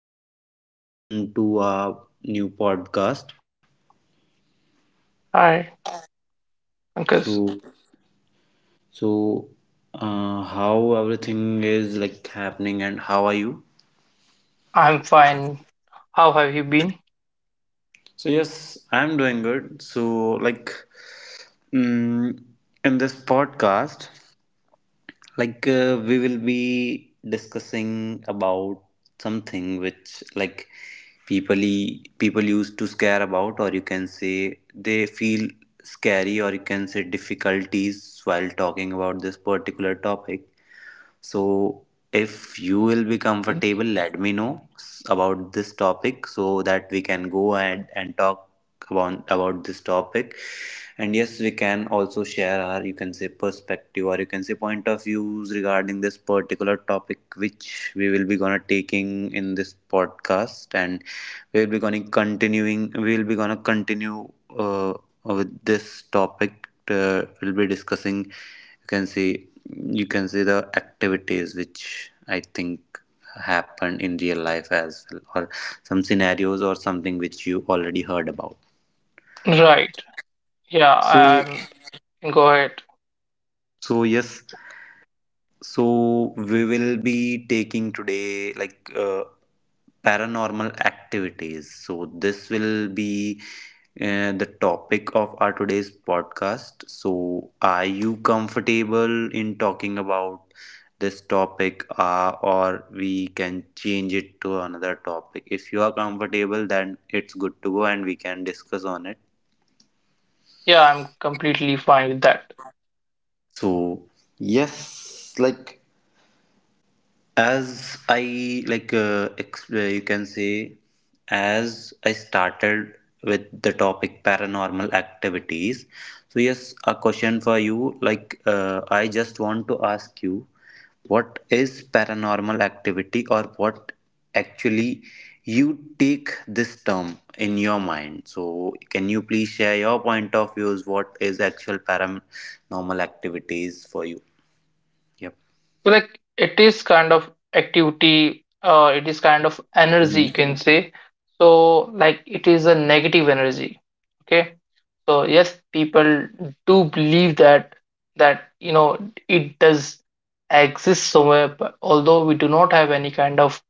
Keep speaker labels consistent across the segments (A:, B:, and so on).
A: Shahid. Welcome to our new podcast.
B: Hi, Pankaj.
A: So, so, how everything is like happening, and how are you?
B: I'm fine. How have you been?
A: So, yes, I'm doing good. So, like, mm, in this podcast. Like we will be discussing about something which like people used to scare about, or you can say they feel scary, or you can say difficulties while talking about this particular topic. So, if you will be comfortable, let me know about this topic so that we can go and talk about this topic. And yes, we can also share our, you can say, perspective, or you can say, point of views regarding this particular topic which we will be gonna taking in this podcast, and we will be gonna continuing we will be gonna continue uh, with this topic. We'll be discussing, you can see you can see, the activities which I think happen in real life as well, or some scenarios or something which you already heard about.
B: Right. Yeah,
A: so
B: I'm go ahead.
A: so yes, so we will be taking today, like, paranormal activities. So this will be the topic of our today's podcast. So are you comfortable in talking about this topic, or we can change it to another topic? If you are comfortable, then it's good to go, and we can discuss on it.
B: Yeah, I'm completely fine with that.
A: So yes, like, as I like, you can say, as I started with the topic paranormal activities. So yes, a question for you, like, I just want to ask you, what is paranormal activity, or what actually you take this term in your mind? So can you please share your point of views, what is actual paranormal activities for you? Yep.
B: So, like it is kind of energy,
A: Mhm.
B: you can say. So like it is a negative energy. Okay. So yes, people do believe that that it does exist somewhere, but although we do not have any kind of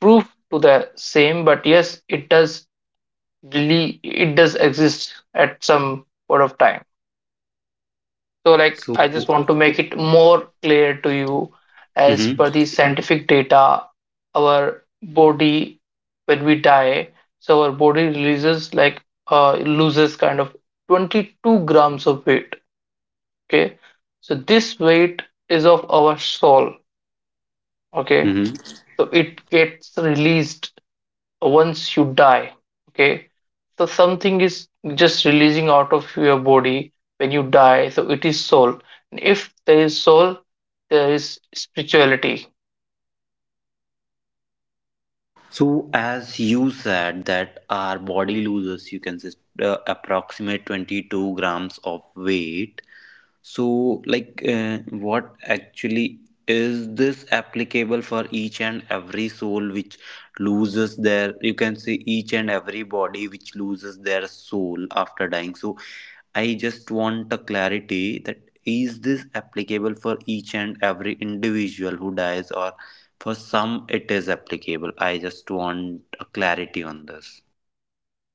B: proof to the same, but yes, it does exist at some point of time. So like
A: So.
B: I just want to make it more clear to you. As
A: Mhm.
B: per the scientific data, our body, when we die, so our body releases like uh, loses kind of 22 grams of weight. Okay, so this weight is of our soul. Okay,
A: Mhm.
B: so it gets released once you die. Okay, so something is just releasing out of your body when you die, so it is soul. And if there is soul, there is spirituality.
A: So, as you said that our body loses, you can say, approximate 22 grams of weight. So, like, what actually, is this applicable for each and every soul which loses their, you can say, each and every body which loses their soul after dying? So, I just want a clarity that, is this applicable for each and every individual who dies, or for some, it is applicable. I just want a clarity on this.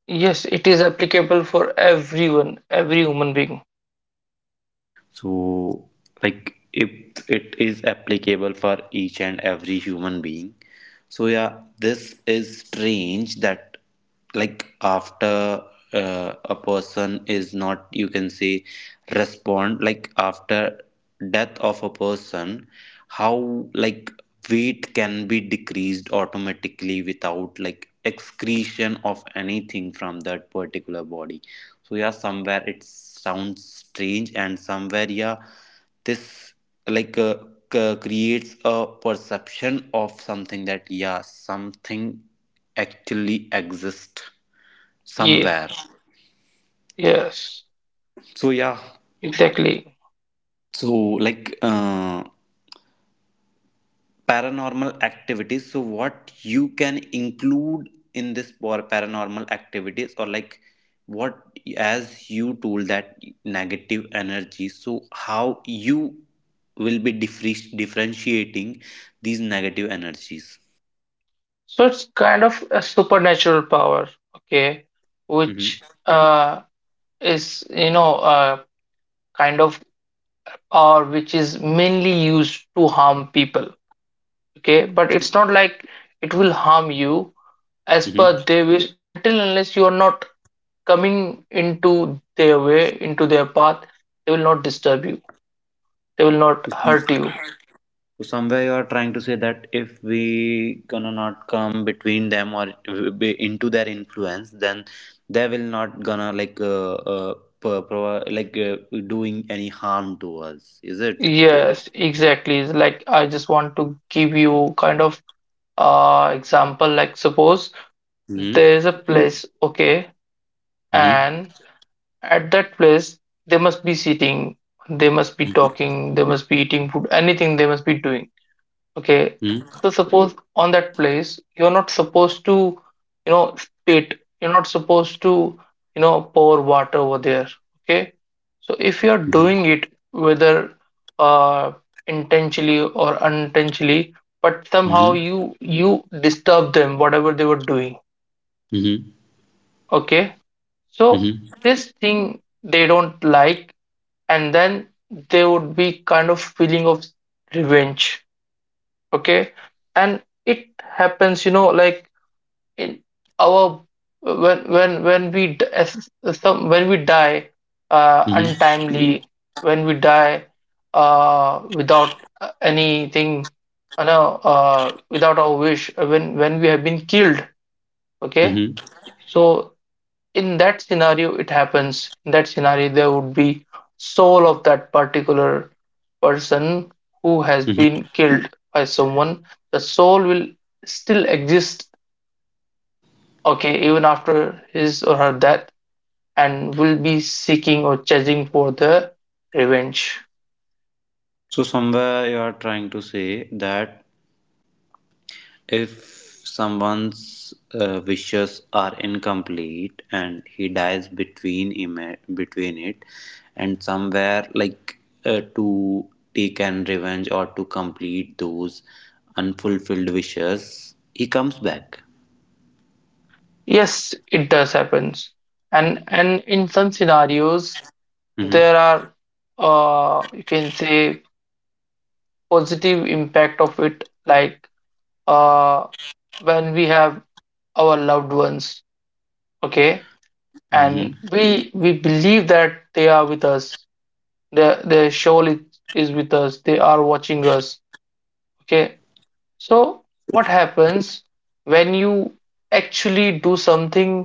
B: Yes, it is applicable for everyone, every human being.
A: So, like, if it is applicable for each and every human being. So, yeah, this is strange that, like, after a person is not, you can say, respond, like, after death of a person, how, like, weight can be decreased automatically without, like, excretion of anything from that particular body. So yeah, somewhere it sounds strange, and somewhere, yeah, this, like, creates a perception of something, that yeah, something actually exists
B: Yes,
A: somewhere.
B: yes,
A: So yeah,
B: exactly.
A: so, like, paranormal activities, so what you can include in this for paranormal activities, or like, what, as you told that negative energy, so how you will be differentiating these negative energies?
B: So it's kind of a supernatural power. Okay, which
A: Mm-hmm.
B: is, kind of, or which is mainly used to harm people. Okay, but it's not like it will harm you as per
A: Mm-hmm.
B: their wish. Until unless you are not coming into their way, into their path, they will not disturb you. They will not hurt you.
A: So somewhere you are trying to say that if we gonna not come between them or be into their influence, then they will not gonna like, pro- pro- like uh, doing any harm to us. Is it?
B: Yes, exactly. It's like I just want to give you kind of example. Like suppose
A: Hmm.
B: there is a place. Okay,
A: Hmm.
B: and at that place, they must be sitting, they must be
A: Hmm.
B: talking, they must be eating food, anything they must be doing. Okay,
A: Hmm.
B: so suppose on that place, you're not supposed to, spit. You're not supposed to, pour water over there. Okay, so if you're doing it, whether uh, intentionally or unintentionally, but somehow
A: Hmm.
B: you disturb them, whatever they were doing.
A: Hmm.
B: Okay, so this thing they don't like, and then they would be kind of feeling of revenge. Okay, and it happens, like, in our, as some, when we die untimely, when we die without anything, without our wish, when we have been killed. Okay,
A: Hmm.
B: so in that scenario it happens. In that scenario there would be soul of that particular person who has
A: Hmm.
B: been killed by someone. The soul will still exist, okay, even after his or her death, and will be seeking or chasing for the revenge.
A: So somewhere you are trying to say that, if someone's wishes are incomplete and he dies between it, and somewhere, like, to take an revenge or to complete those unfulfilled wishes, he comes back.
B: Yes, it does happens. And in some scenarios
A: Mm-hmm.
B: there are, you can say, positive impact of it. Like uh, when we have our loved ones. Okay,
A: Mm-hmm.
B: and we believe that they are with us. Their soul is with us, they are watching us. Okay, so what happens when you actually do something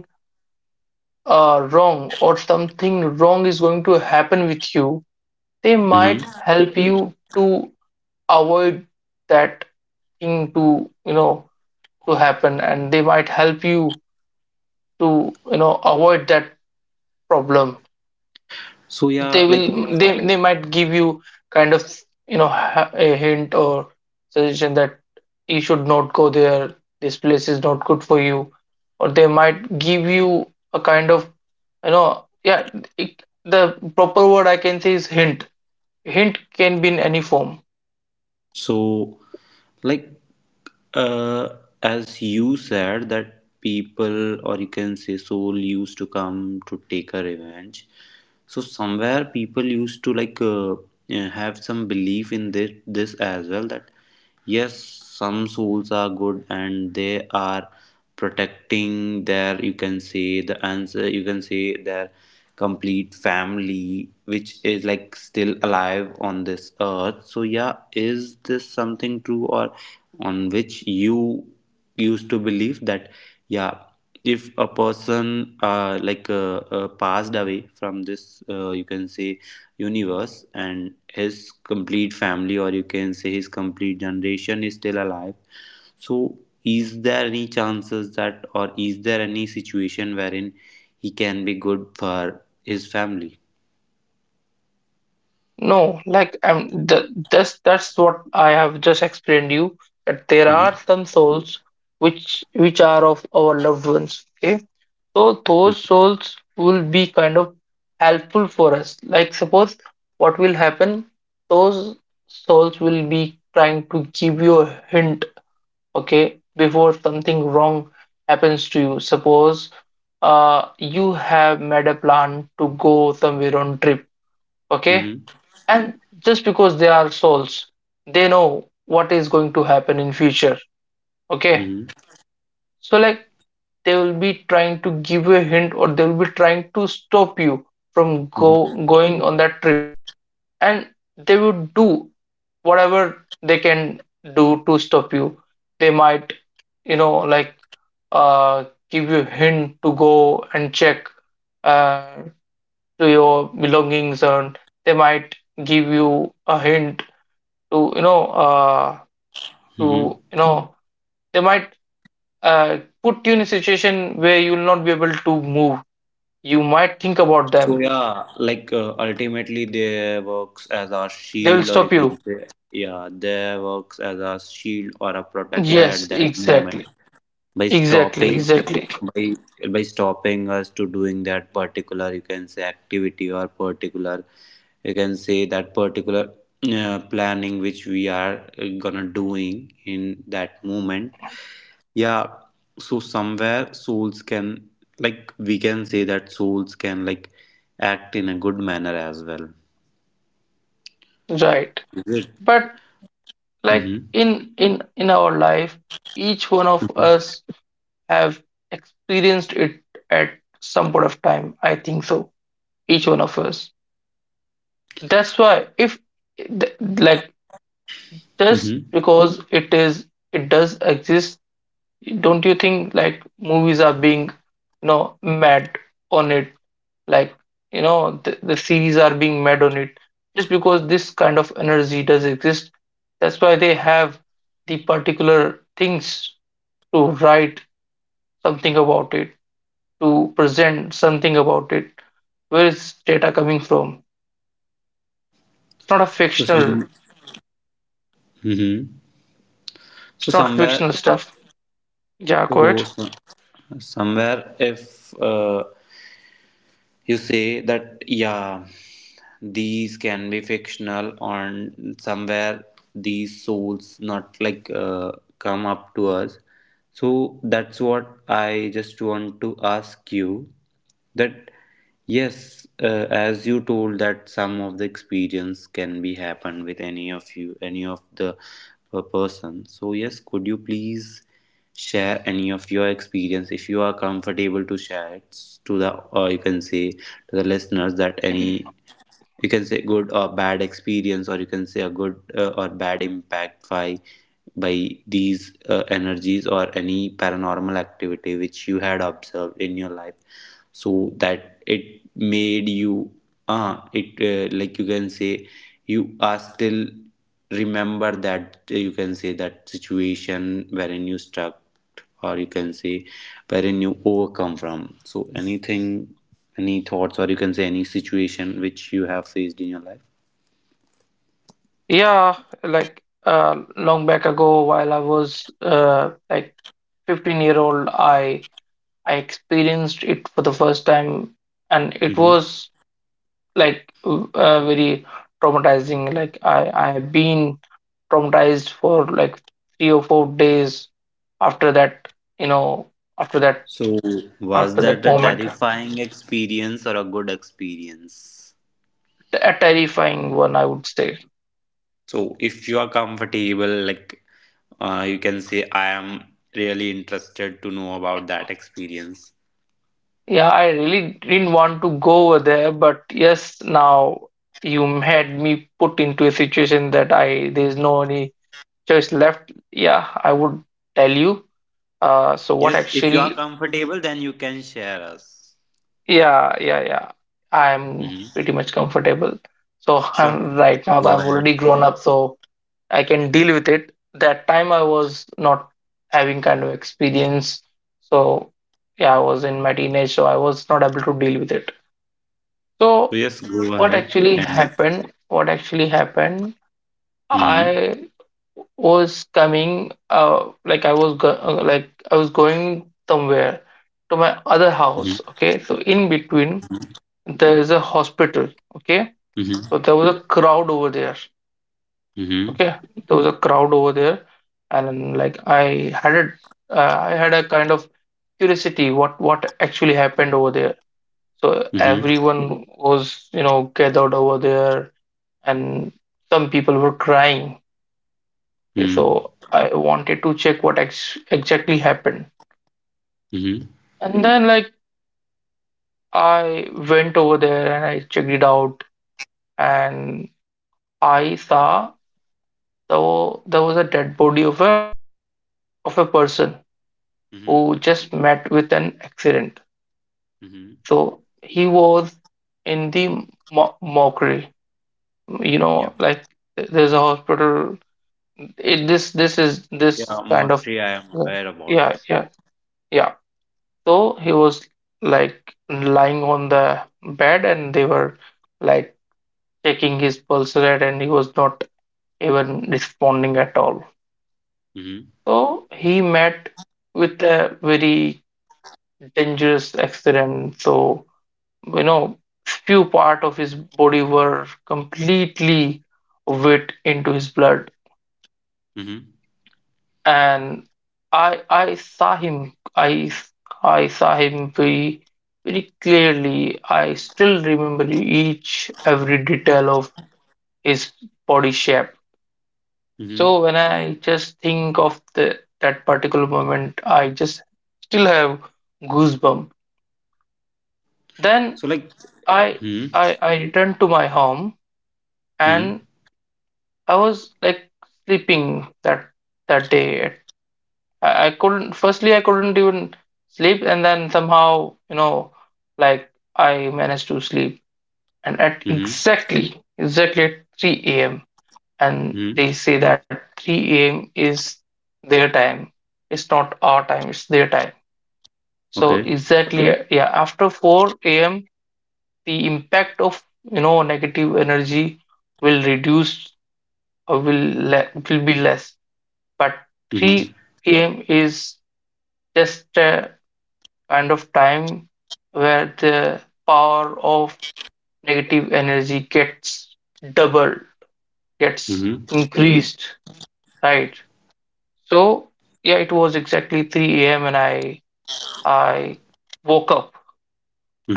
B: wrong, or something wrong is going to happen with you, they might
A: Mm-hmm.
B: help you to avoid that thing, to you know to happen, and they might help you to avoid that problem.
A: So yeah,
B: they
A: like.
B: will they, they might give you kind of, a hint or suggestion that you should not go there, this place is not good for you. Or they might give you a kind of, yeah, the proper word I can say is Hint can be in any form.
A: So, like, uh, as you said, that people, or you can say soul, used to come to take a revenge. So, somewhere people used to like, have some belief in this as well, that yes, some souls are good and they are protecting their, you can say, the answer, you can say, their complete family, which is like still alive on this earth. So yeah, is this something true, or on which you used to believe that, yeah, if a person passed away from this, you can say, universe, and his complete family, or you can say, his complete generation is still alive. So, is there any chances that, or is there any situation wherein he can be good for his family?
B: No, like the this that's what I have just explained you, that there
A: Mm-hmm.
B: are some souls which are of our loved ones. Okay, so those souls will be kind of helpful for us. Like suppose, what will happen? Those souls will be trying to give you a hint. Okay, before something wrong happens to you. Suppose you have made a plan to go somewhere on trip. Okay,
A: Mm-hmm.
B: and just because they are souls, they know what is going to happen in future. Okay,
A: Mm-hmm.
B: so like they will be trying to give you a hint, or they will be trying to stop you from go
A: Mm-hmm.
B: going on that trip. And they would do whatever they can do to stop you. They might, like, uh give you a hint to go and check uh to your belongings, and they might give you a hint to, to,
A: Mm-hmm.
B: you know they might put you in a situation where you will not be able to move. You might think about
A: So
B: them,
A: yeah, like, ultimately they works as a
B: they will
A: shield, or you
B: stop
A: can
B: you.
A: say, yeah, they works as a shield or a protector
B: Yes,
A: at that moment,
B: exactly,
A: by
B: exactly,
A: stopping,
B: exactly,
A: by by stopping us to doing that particular, you can say, activity, or particular, you can say, that particular planning which we are gonna doing in that moment. Yeah, so somewhere souls can, like, we can say that souls can, like, act in a good manner as well.
B: right.
A: Is it?
B: But like
A: Mm-hmm.
B: in in in our life, each one of us have experienced it at some point of time, I think so, each one of us. That's why, if like, just
A: Mm-hmm.
B: because it does exist, don't you think, like, movies are being, mad on it, like, the series are being mad on it, just because this kind of energy does exist. That's why they have the particular things, to write something about it, to present something about it. Where is data coming from? it's not a
A: So
B: fictional
A: some. Mm-hmm. So
B: it's not
A: somewhere,
B: fictional stuff. Yeah,
A: so
B: quite.
A: so somewhere, if you say that, yeah, these can be fictional, and somewhere these souls not, like, come up to us. So that's what I just want to ask you, that, yes, as you told that some of the experience can be happen with any of you, any of the person. So yes, could you please share any of your experience, if you are comfortable to share it to the or you can say to the listeners, that any, you can say, good or bad experience, or you can say, a good or bad impact by these energies, or any paranormal activity which you had observed in your life, so that it made you, ah it like, you can say, you are still remember that, you can say, that situation wherein you stuck, or you can say, wherein you overcome from. So anything, any thoughts, or you can say, any situation which you have faced in your life.
B: Yeah, like long back ago while I was like 15-year old, I experienced it for the first time. And it
A: Hmm.
B: was like very traumatizing. Like I have been traumatized for like 3 or 4 days after that, you know after that
A: So was
B: after that
A: that a
B: moment.
A: terrifying experience or a good experience?
B: A terrifying one, I would say.
A: So if you are comfortable, like, you can say, I am really interested to know about that experience.
B: Yeah, I really didn't want to go over there, but yes, now you had me put into a situation that I there's no any choice left. Yeah, I would tell you. So what
A: Yes, if you
B: actually?
A: are comfortable, then you can share us.
B: Yeah, yeah, yeah, I'm
A: Hmm.
B: pretty much comfortable. So
A: Sure,
B: I'm right now
A: go
B: I'm
A: ahead.
B: already grown up, so I can deal with it. That time I was not having kind of experience. So yeah, I was in my teenage, so I was not able to deal with it.
A: So
B: So
A: yes, go
B: what
A: ahead,
B: actually
A: and.
B: happened? What actually happened?
A: Hmm.
B: I was coming like I was going somewhere to my other
A: Hmm.
B: house. Okay, so in between there is a hospital. Okay, so
A: Hmm.
B: there was a crowd over there.
A: Hmm.
B: Okay, there was a crowd over there, and like I had a kind of curiosity, what actually happened over there. So
A: Hmm.
B: everyone was, gathered over there, and some people were crying. Okay,
A: Hmm.
B: so I wanted to check what exactly happened.
A: Hmm.
B: And then, like, I went over there and I checked it out, and I saw though there was a dead body of a person
A: Hmm.
B: who just met with an accident.
A: Hmm.
B: So he was in the mockery,
A: Yep.
B: like, there's a hospital. This is this
A: Yeah,
B: kind of.
A: Monty, I am
B: Yeah,
A: aware about.
B: yeah, yeah, yeah. So he was like lying on the bed, and they were like checking his pulse rate, and he was not even responding at all.
A: Hmm.
B: So he met with a very dangerous accident. So, you know, few part of his body were completely wet into his blood,
A: Hmm.
B: and I saw him, I saw him very, very clearly. I still remember each every detail of his body shape.
A: Hmm.
B: So when I just think of the that particular moment, I just still have goosebump. Then
A: So like.
B: I
A: Hmm.
B: I returned to my home, and
A: Hmm.
B: I was like sleeping that day. I couldn't Firstly, I couldn't even sleep, and then somehow, like, I managed to sleep. And at
A: Hmm.
B: exactly at 3 a.m., and they
A: Hmm.
B: say that 3 a.m. is their time. It's not our time, it's their time. So
A: Okay.
B: exactly. Okay, yeah, after 4 a.m. the impact of, negative energy, will reduce, or will be less. But
A: Hmm.
B: 3 p.m. is just kind of time where the power of negative energy gets doubled, gets
A: Hmm.
B: increased, right? So yeah, it was exactly 3 a.m., and I woke up.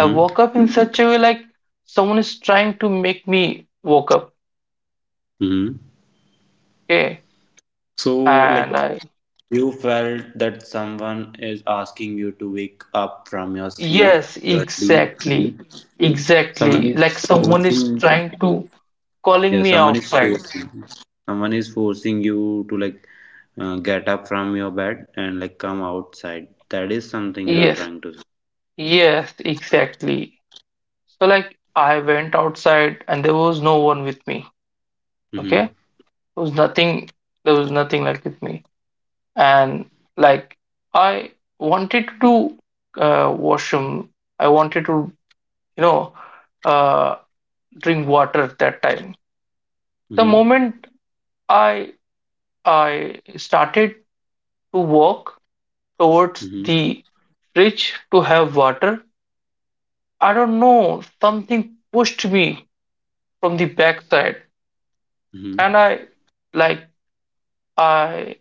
B: I woke up in such a way like someone is trying to make me woke up.
A: Hmm.
B: Okay.
A: So like.
B: And I
A: You felt that someone is asking you to wake up from your sleep,
B: Yes,
A: your deep sleep.
B: exactly.
A: Someone
B: Exactly. Like
A: is
B: someone is
A: forcing,
B: trying to calling
A: yeah,
B: me
A: someone is
B: outside.
A: forcing, someone is forcing you to, like, get up from your bed and, like, come outside. That is something you are
B: Yes.
A: trying to.
B: Yes, exactly. So like I went outside, and there was no one with me.
A: Mm-hmm.
B: Okay? There was nothing there was nothing like with me. And like I wanted to do washroom. I wanted to, you know, uh drink water at that time. The
A: Mm-hmm.
B: moment I I started to walk towards
A: Mm-hmm.
B: the fridge to have water, I don't know, something pushed me from the backside,
A: Mm-hmm.
B: and like I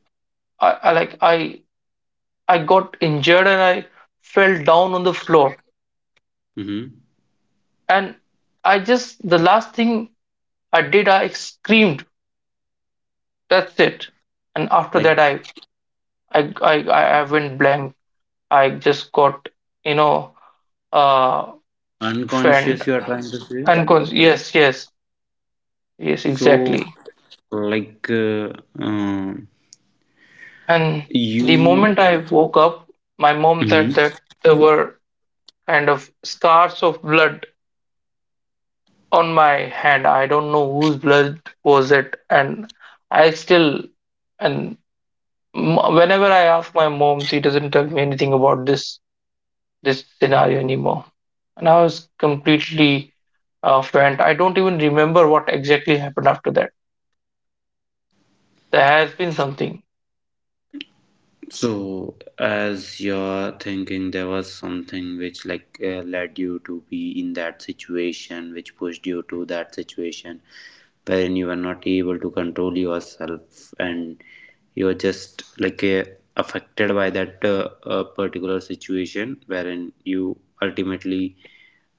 B: I, I like I I got injured, and I fell down on the floor.
A: Mm-hmm.
B: And I just the last thing I did, I screamed. That's it. And after that,
A: Like,
B: I I, I went blank. I just got, you know uh fanned
A: unconscious, you are trying to say.
B: and yes, yes, yes,
A: So,
B: exactly.
A: like, uh,
B: And the
A: you.
B: moment I woke up, my mom said
A: Mhm.
B: that there were kind of scars of blood on my hand. I don't know whose blood was it. And I still and m- Whenever I ask my mom, she doesn't tell me anything about this scenario anymore. And I was completely fent. I don't even remember what exactly happened after that. There has been something.
A: So, as you're thinking, there was something which, like, led you to be in that situation, which pushed you to that situation, wherein you were not able to control yourself, and you were just, like, affected by that, particular situation, wherein you ultimately,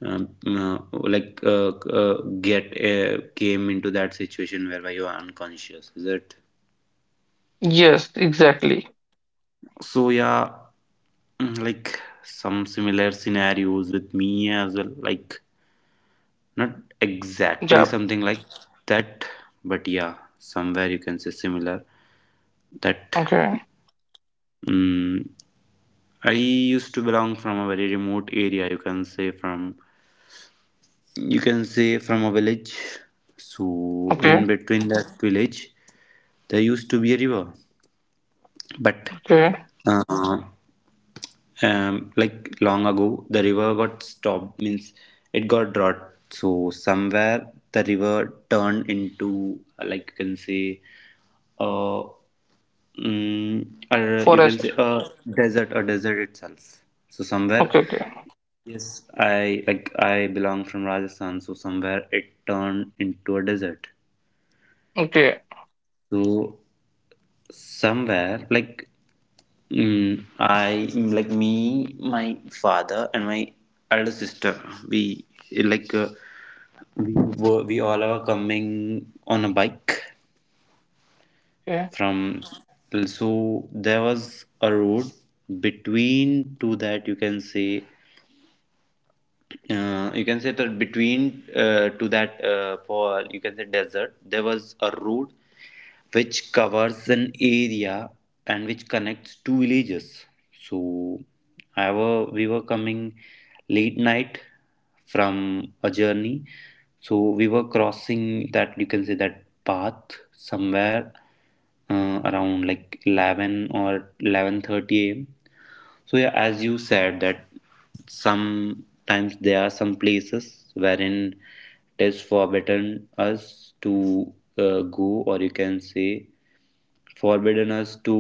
A: like get came into that situation whereby you are unconscious. Is it?
B: Yes, exactly.
A: So yeah, like, some similar scenarios with me as well, like not exactly
B: Jab.
A: something like that, but yeah, somewhere, you can say, similar that.
B: Okay,
A: mm I used to belong from a very remote area, you can say from a village. So in
B: okay,
A: between that village, there used to be a river, but
B: okay.
A: uh, like, long ago, the river got stopped, means it got drought. So somewhere the river turned into like, you can say, uh, or you can
B: Forest.
A: say, a desert itself. So somewhere,
B: Okay, okay,
A: yes, I belong from Rajasthan, so somewhere it turned into a desert.
B: okay,
A: So somewhere, like, I, like, me, my father, and my elder sister. We like we were we all are coming on a bike
B: okay.
A: from. So there was a road between to that, you can say, you can say, that between, to that, for, you can say, desert, there was a road which covers an area and which connects two villages. So I were we were coming late night from a journey. So we were crossing that, you can say, that path, somewhere around, like, 11 or 11:30 a.m. So yeah, as you said that sometimes there are some places wherein it is forbidden us to go, or you can say, forbidden us to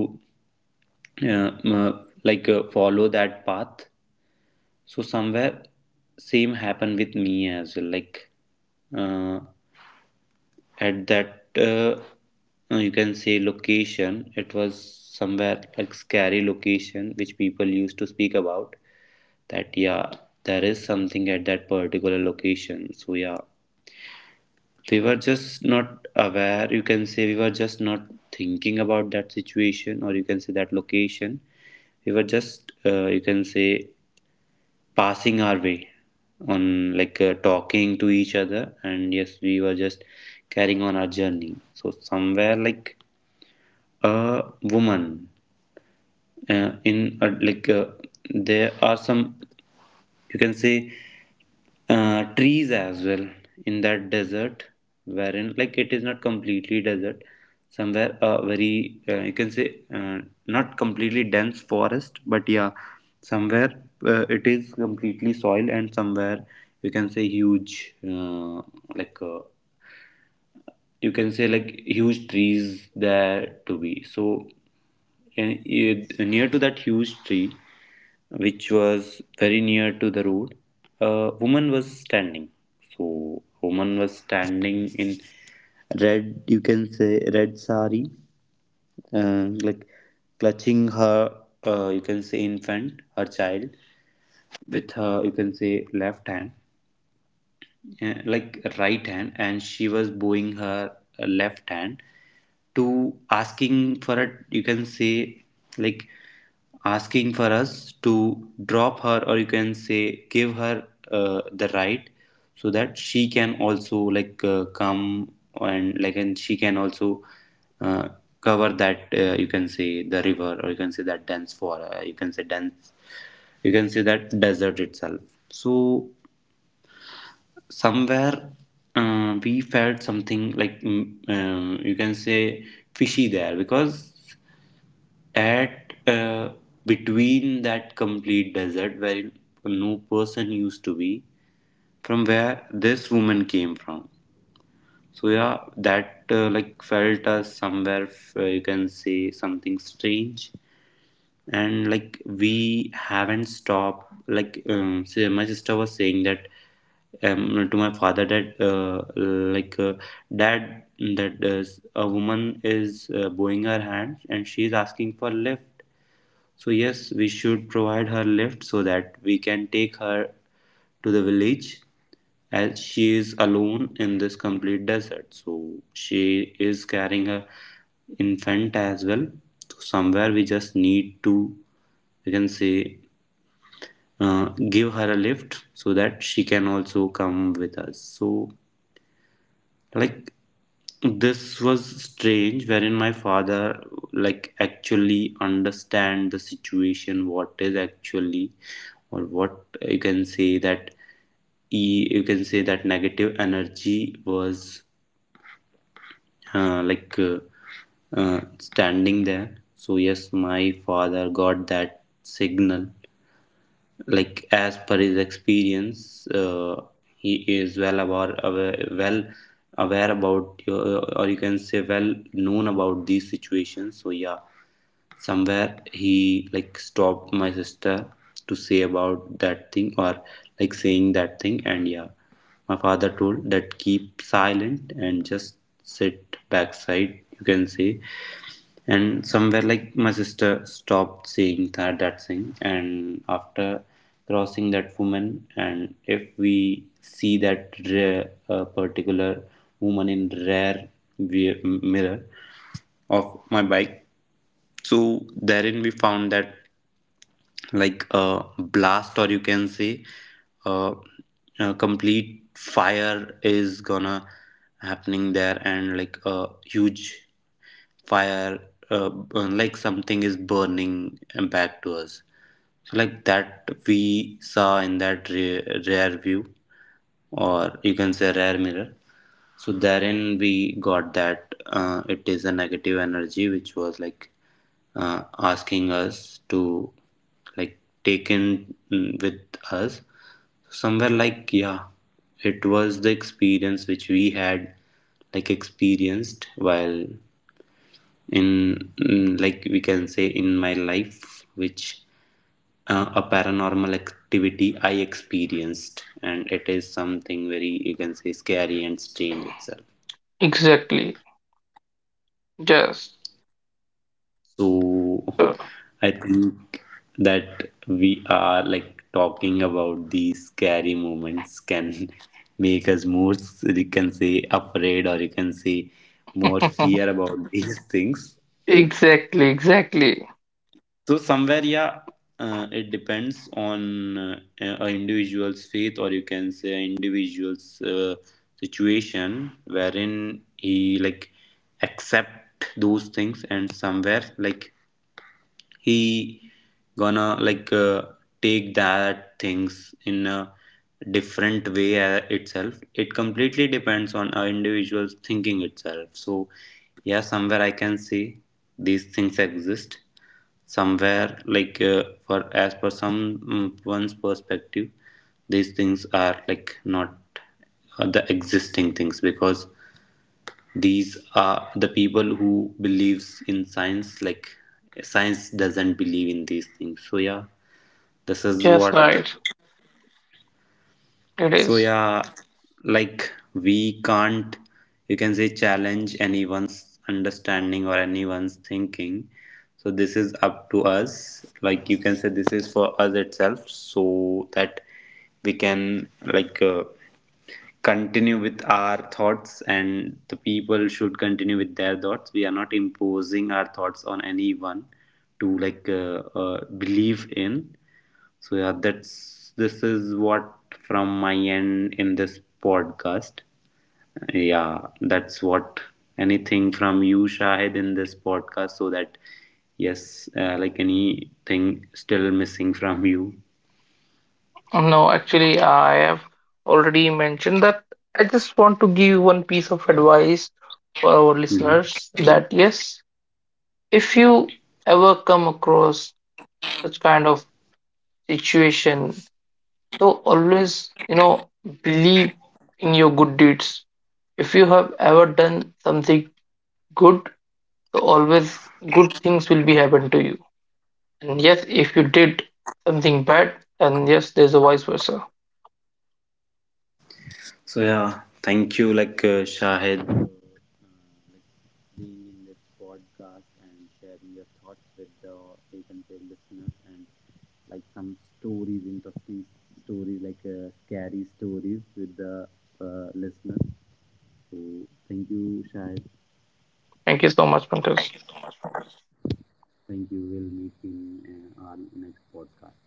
A: follow that path. So somewhere, same happened with me as well, like, uh, at that, you can say, location, it was somewhere, like, scary location which people used to speak about, that yeah, there is something at that particular location. So yeah, they were just not aware, you can say, we were just not thinking about that situation, or you can say, that location. We were just, you can say, passing our way on, like, talking to each other, and yes, we were just carrying on our journey. So somewhere like a woman in like there are some you can say trees as well in that desert wherein like it is not completely desert. Somewhere a very you can say uh, not completely dense forest, but yeah, somewhere it is completely soil, and somewhere you can say huge like uh, you can say like huge trees there to be. So uh, near to that huge tree, which was very near to the road, a woman was standing. So, woman was standing in red, you can say red sari, like clutching her, you can say infant, her child, with her, you can say left hand, like right hand, and she was bowing her left hand to asking for it, you can say, like asking for us to drop her, or you can say give her the right so that she can also like come, and like and she can also uh, cover that, you can say the river, or you can say that dense for you can say dense, you can say that desert itself. So somewhere we felt something like you can say fishy there, because at between that complete desert where no person used to be, from where this woman came from. So yeah, that like felt us somewhere you can say something strange. And like we haven't stopped, like say my sister was saying that, to my father that dad, that a woman is bowing her hands and she is asking for lift, so yes, we should provide her lift so that we can take her to the village, as she is alone in this complete desert. So she is carrying her infant as well. So somewhere we just need to, we can say, uh, give her a lift so that she can also come with us. So like this was strange, wherein my father like actually understand the situation, what is actually or what you can say. That he, you can say that negative energy was uh, like uh, standing there. So yes, my father got that signal, like as per his experience, he is well aware, aware, well aware about or you can say well known about these situations. So yeah, somewhere he like stopped my sister to say about that thing, or like saying that thing. And yeah, my father told that keep silent and just sit backside, you can say. And somewhere like my sister stopped seeing that thing, and after crossing that woman, and if we see that rare particular woman in rare mirror of my bike, so therein we found that like a blast, or you can say uh, a complete fire is gonna happening there, and like a huge fire uh, uh, like something is burning back to us. So like that we saw in that rear view, or you can say rear mirror. So therein we got that it is a negative energy which was like asking us to like taken with us. Somewhere like yeah, it was the experience which we had like experienced while in like we can say in my life, which a paranormal activity I experienced, and it is something very, you can say, scary and strange itself.
B: Exactly. Just.
A: So
B: So
A: I think that we are like talking about these scary moments can make us more, you can say, afraid, or you can say more fear about these things.
B: exactly, exactly.
A: So somewhere, yeah, it depends on a individual's faith, or you can say an individual's situation wherein he like accept those things, and somewhere like he gonna like take that things in a different way itself. It completely depends on an individual's thinking itself. So yeah, somewhere I can say these things exist somewhere, like for as per some one's perspective these things are like not the existing things, because these are the people who believes in science. Like science doesn't believe in these things. So yeah, this is
B: Yes,
A: what.
B: right. It
A: So
B: is.
A: yeah, like we can't, you can say, challenge anyone's understanding or anyone's thinking. So this is up to us. Like you can say this is for us itself, so that we can like. Continue with our thoughts, and the people should continue with their thoughts. We are not imposing our thoughts on anyone to like believe in. So yeah, that's, this is what, from my end in this podcast. Yeah, that's what. Anything from you, Shahid, in this podcast? So that yes, like anything still missing from you?
B: No, actually, I have already mentioned that. I just want to give one piece of advice for our
A: Mhm.
B: listeners that yes, if you ever come across such kind of situation, so always, believe in your good deeds. If you have ever done something good, so always good things will be happen to you. And yes, if you did something bad, then yes, there's a vice versa.
A: So yeah, thank you, like Shahid, for like being in this podcast and sharing your thoughts with the, you can, listeners, and like some stories, interesting stories, like scary stories with the listeners. So thank you, Shahid.
B: Thank you so much, Pankaj.
A: Thank you. We'll meet in our next podcast.